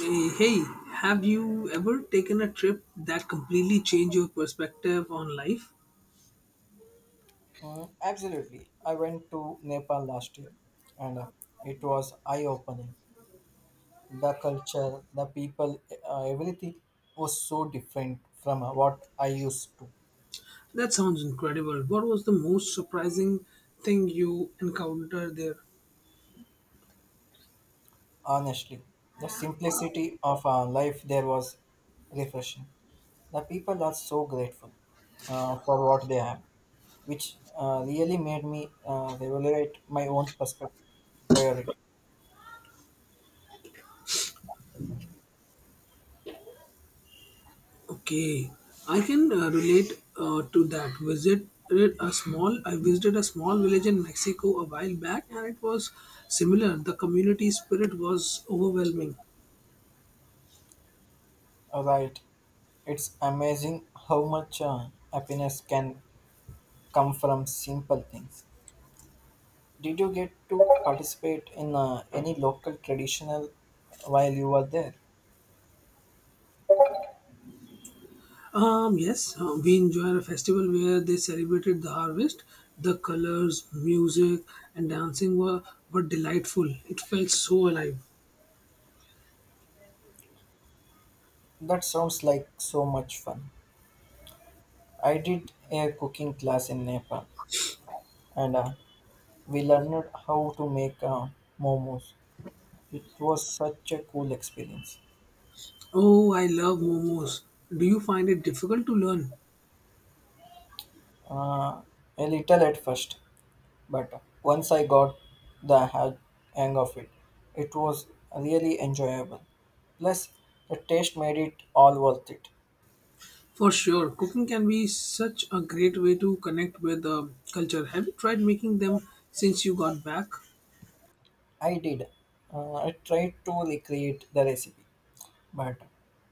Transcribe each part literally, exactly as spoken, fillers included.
Eh, Hey, have you ever taken a trip that completely changed your perspective on life? Mm, absolutely. I went to Nepal last year and uh, it was eye opening. The culture, the people, uh, everything was so different from uh, what I used to. That sounds incredible. What was the most surprising thing you encountered there? Honestly, the simplicity of our life there was refreshing. The people are so grateful, uh, for what they have, which uh, really made me uh, evaluate my own perspective priority. Okay, I can uh, relate uh, to that. Visited a small, I visited a small village in Mexico a while back, and it was similar. The community spirit was overwhelming. Right, it's amazing how much uh, happiness can come from simple things. Did you get to participate in uh, any local traditional while you were there? Um, yes, uh, we enjoyed a festival where they celebrated the harvest. The colors, music, and dancing were, were delightful. It felt so alive. That sounds like so much fun. I did a cooking class in Nepal and uh, we learned how to make uh, momos. It was such a cool experience. Oh, I love momos. Do you find it difficult to learn? Uh, a little at first, but once I got the ha- hang of it, it was really enjoyable. Plus, the taste made it all worth it. For sure, cooking can be such a great way to connect with the culture. Have you tried making them since you got back? I did. Uh, I tried to recreate the recipe, but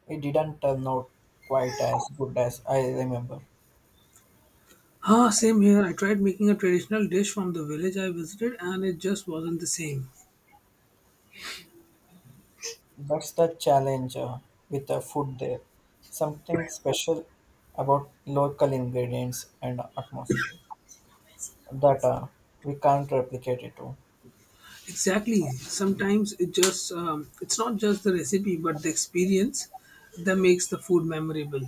it didn't turn out quite as good as I remember. Ah, same here. I tried making a traditional dish from the village I visited, and it just wasn't the same. That's the challenge uh, with the food there. Something special about local ingredients and atmosphere that uh, we can't replicate it to. Exactly. Sometimes it just um, it's not just the recipe, but the experience that makes the food memorable.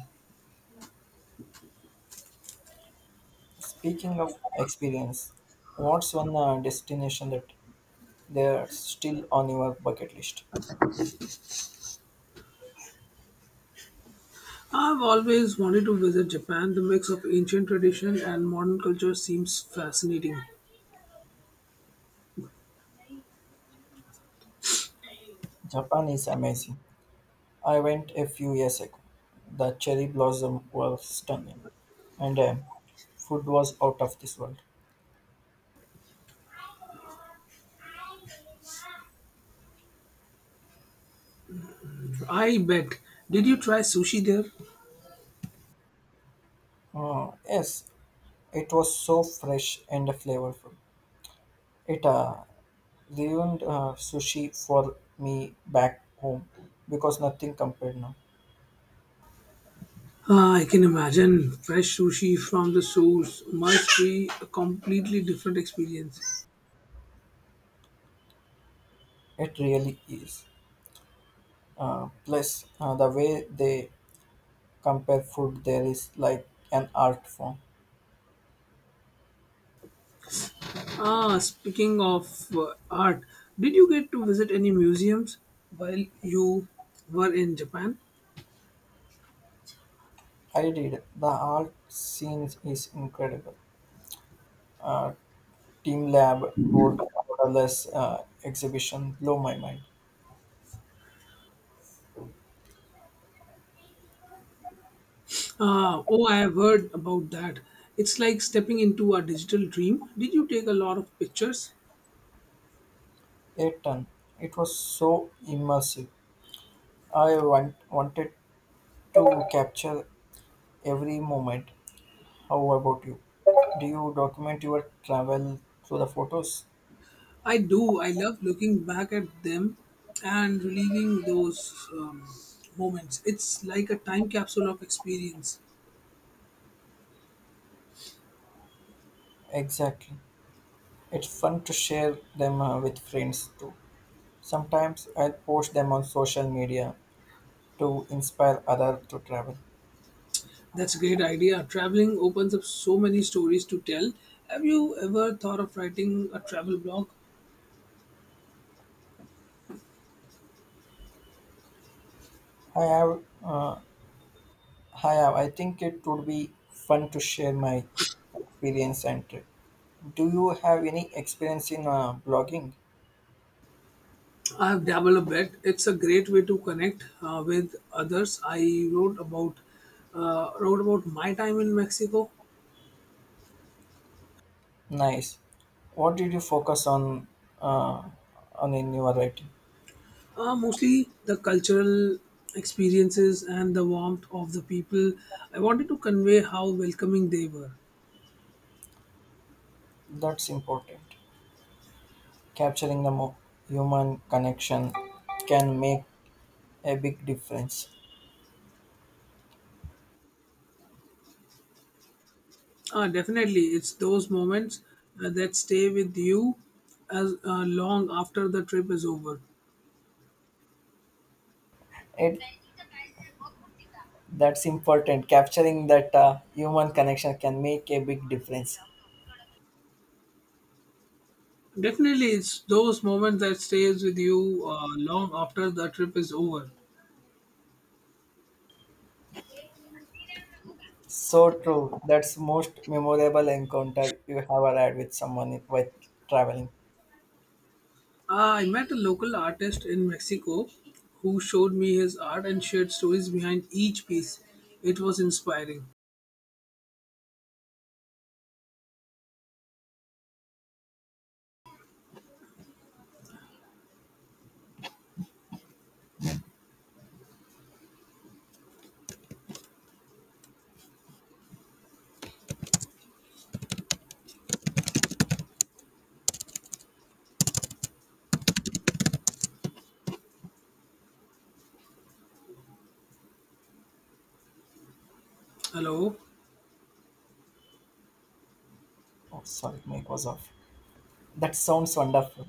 Speaking of experience, what's one uh, destination that they're still on your bucket list? I've always wanted to visit Japan. The mix of ancient tradition and modern culture seems fascinating. Japan is amazing, I went a few years ago. The cherry blossom was stunning, and um, food was out of this world. I bet. Did you try sushi there? Uh, yes, it was so fresh and flavorful. It uh, ruined uh, sushi for me back home because nothing compared now. Ah, I can imagine fresh sushi from the source must be a completely different experience. It really is. Uh, plus, uh, the way they compare food there is like an art form. Ah, speaking of uh, art, did you get to visit any museums while you were in Japan? I did. The art scene is incredible. Uh, Team Lab wrote the borderless uh, exhibition blow my mind. Uh, oh, I have heard about that. It's like stepping into a digital dream. Did you take a lot of pictures? A ton. It was so immersive. I want, wanted to capture every moment. How about you? Do you document your travel through the photos? I do. I love looking back at them and reliving those um, moments. It's like a time capsule of experience. Exactly. It's fun to share them, uh, with friends too. Sometimes I'll post them on social media to inspire others to travel. That's a great idea. Traveling opens up so many stories to tell. Have you ever thought of writing a travel blog? I have, uh, I have. I think it would be fun to share my experience and trip. Do you have any experience in uh, blogging? I have dabbled a bit. It's a great way to connect uh, with others. I wrote about uh, wrote about my time in Mexico. Nice. What did you focus on, uh, on in your writing? Uh, mostly the cultural experiences and the warmth of the people. I wanted to convey how welcoming they were. That's important. Capturing the mo- human connection can make a big difference. Ah, definitely, it's those moments uh, that stay with you as uh, long after the trip is over. It that's important. Capturing that uh, human connection can make a big difference. Definitely, it's those moments that stays with you uh, long after the trip is over. So true. That's most memorable encounter you have had with someone with traveling. Ah, I met a local artist in Mexico who showed me his art and shared stories behind each piece. It was inspiring. Hello. Oh, sorry, mic was off. That sounds wonderful.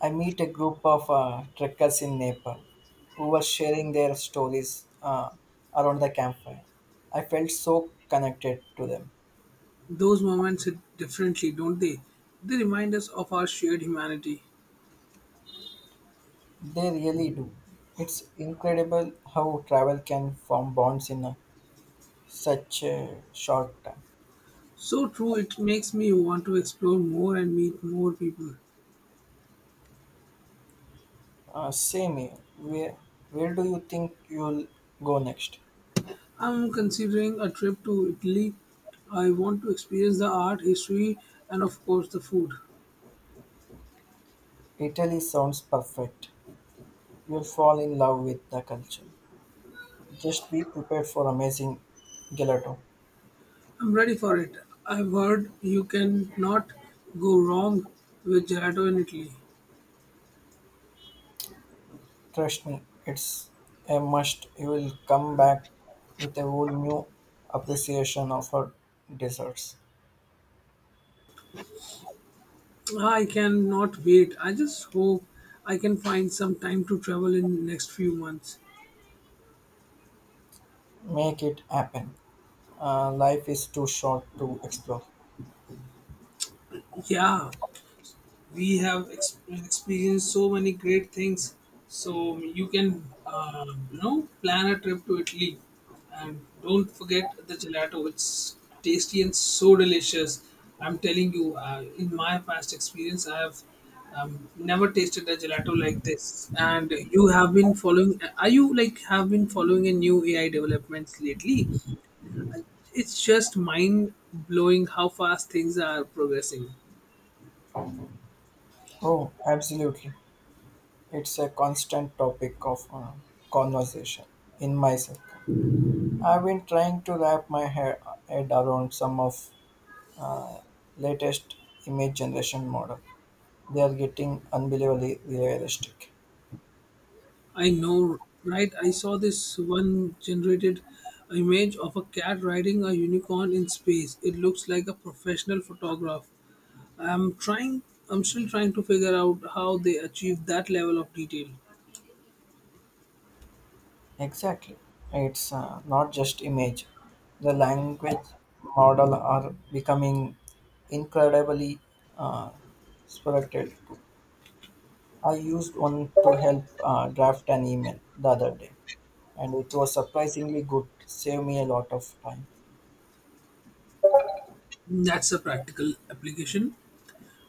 I meet a group of uh, trekkers in Nepal who were sharing their stories uh, around the campfire. I felt so connected to them. Those moments hit differently, don't they? They remind us of our shared humanity. They really do. It's incredible how travel can form bonds in a, such a short time. So true, it makes me want to explore more and meet more people. Uh, same here. Where, where do you think you'll go next? I'm considering a trip to Italy. I want to experience the art, history, and of course the food. Italy sounds perfect. You'll fall in love with the culture. Just be prepared for amazing gelato. I'm ready for it. I've heard you can not go wrong with gelato in Italy. Trust me, it's a must. You will come back with a whole new appreciation of her desserts. Ah, I cannot wait. I just hope I can find some time to travel in next few months. Make it happen. Uh, life is too short to explore. Yeah, we have ex- experienced so many great things, so you can uh, you know plan a trip to Italy, and don't forget the gelato. It's tasty and so delicious. I'm telling you, uh, in my past experience I have um, never tasted a gelato like this. And you have been following are you like have been following a new A I developments lately? It's just mind blowing how fast things are progressing. Oh, absolutely. It's a constant topic of uh, conversation in my circle. I've been trying to wrap my hair, head around some of uh, latest image generation model. They are getting unbelievably realistic. I know, right? I saw this one generated image of a cat riding a unicorn in space. It looks like a professional photograph. I'm trying, I'm still trying to figure out how they achieve that level of detail. Exactly. It's uh, not just image. The language model are becoming incredibly uh, spirited. I used one to help uh, draft an email the other day, and it was surprisingly good. Saved me a lot of time. That's a practical application.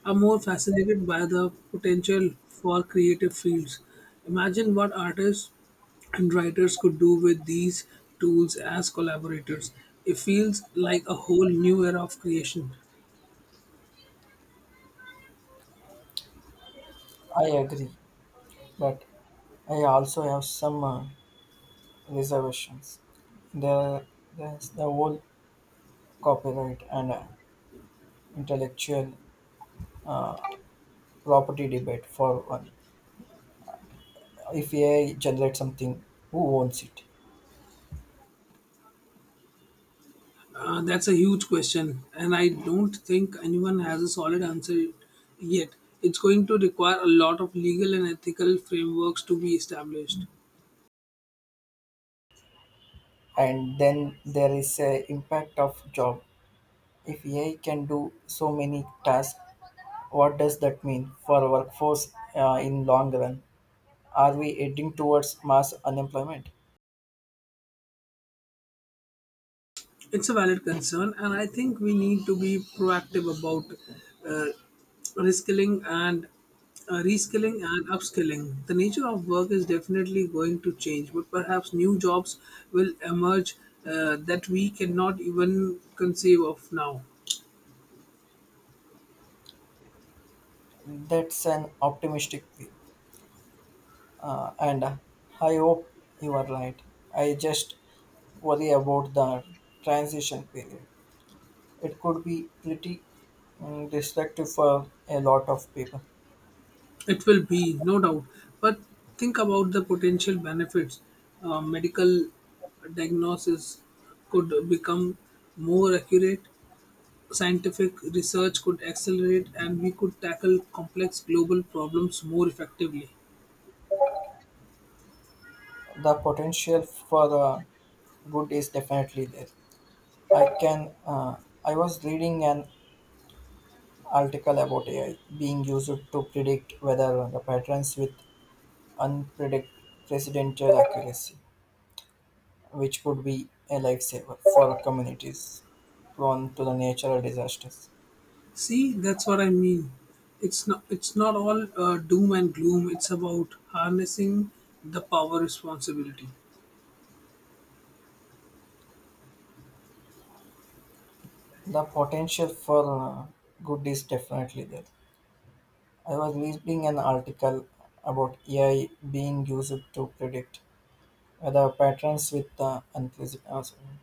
I'm more fascinated by the potential for creative fields. Imagine what artists and writers could do with these tools as collaborators. It feels like a whole new era of creation. I agree, but I also have some uh, reservations. There, there's the whole copyright and uh, intellectual uh, property debate for one. If A I generates something, who owns it? Uh, that's a huge question, and I don't think anyone has a solid answer yet. It's going to require a lot of legal and ethical frameworks to be established. And then there is a impact of job. If A I can do so many tasks, what does that mean for our workforce uh, in long run? Are we heading towards mass unemployment? It's a valid concern, and I think we need to be proactive about uh, reskilling and uh, reskilling and upskilling. The nature of work is definitely going to change, but perhaps new jobs will emerge uh, that we cannot even conceive of now. That's an optimistic view, uh, and I hope you are right. I just worry about the transition period. It could be pretty mm, destructive for a lot of people. It will be, no doubt. But think about the potential benefits. Uh, medical diagnosis could become more accurate, scientific research could accelerate, and we could tackle complex global problems more effectively. The potential for uh, good is definitely there. I can. Uh, I was reading an article about A I being used to predict weather the patterns with unprecedented accuracy, which could be a lifesaver for communities prone to the natural disasters. See, that's what I mean. It's not, it's not all uh, doom and gloom. It's about harnessing the power responsibility. The potential for uh, good is definitely there. I was reading an article about A I being used to predict the patrons with the inclusive awesome.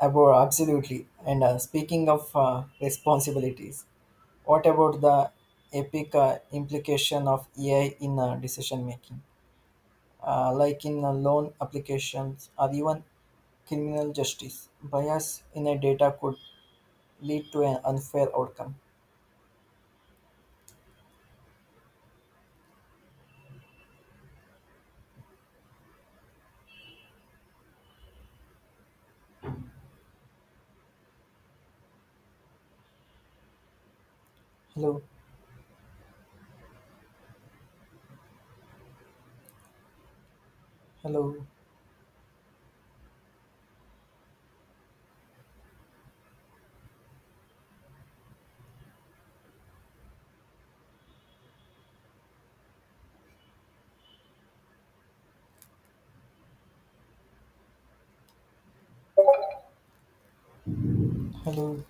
About absolutely and uh, speaking of uh, responsibilities, what about the epic uh, implication of ai in uh, decision making, uh, like in uh, loan applications or even criminal justice bias in a data could lead to an unfair outcome. Hello. Hello. Hello.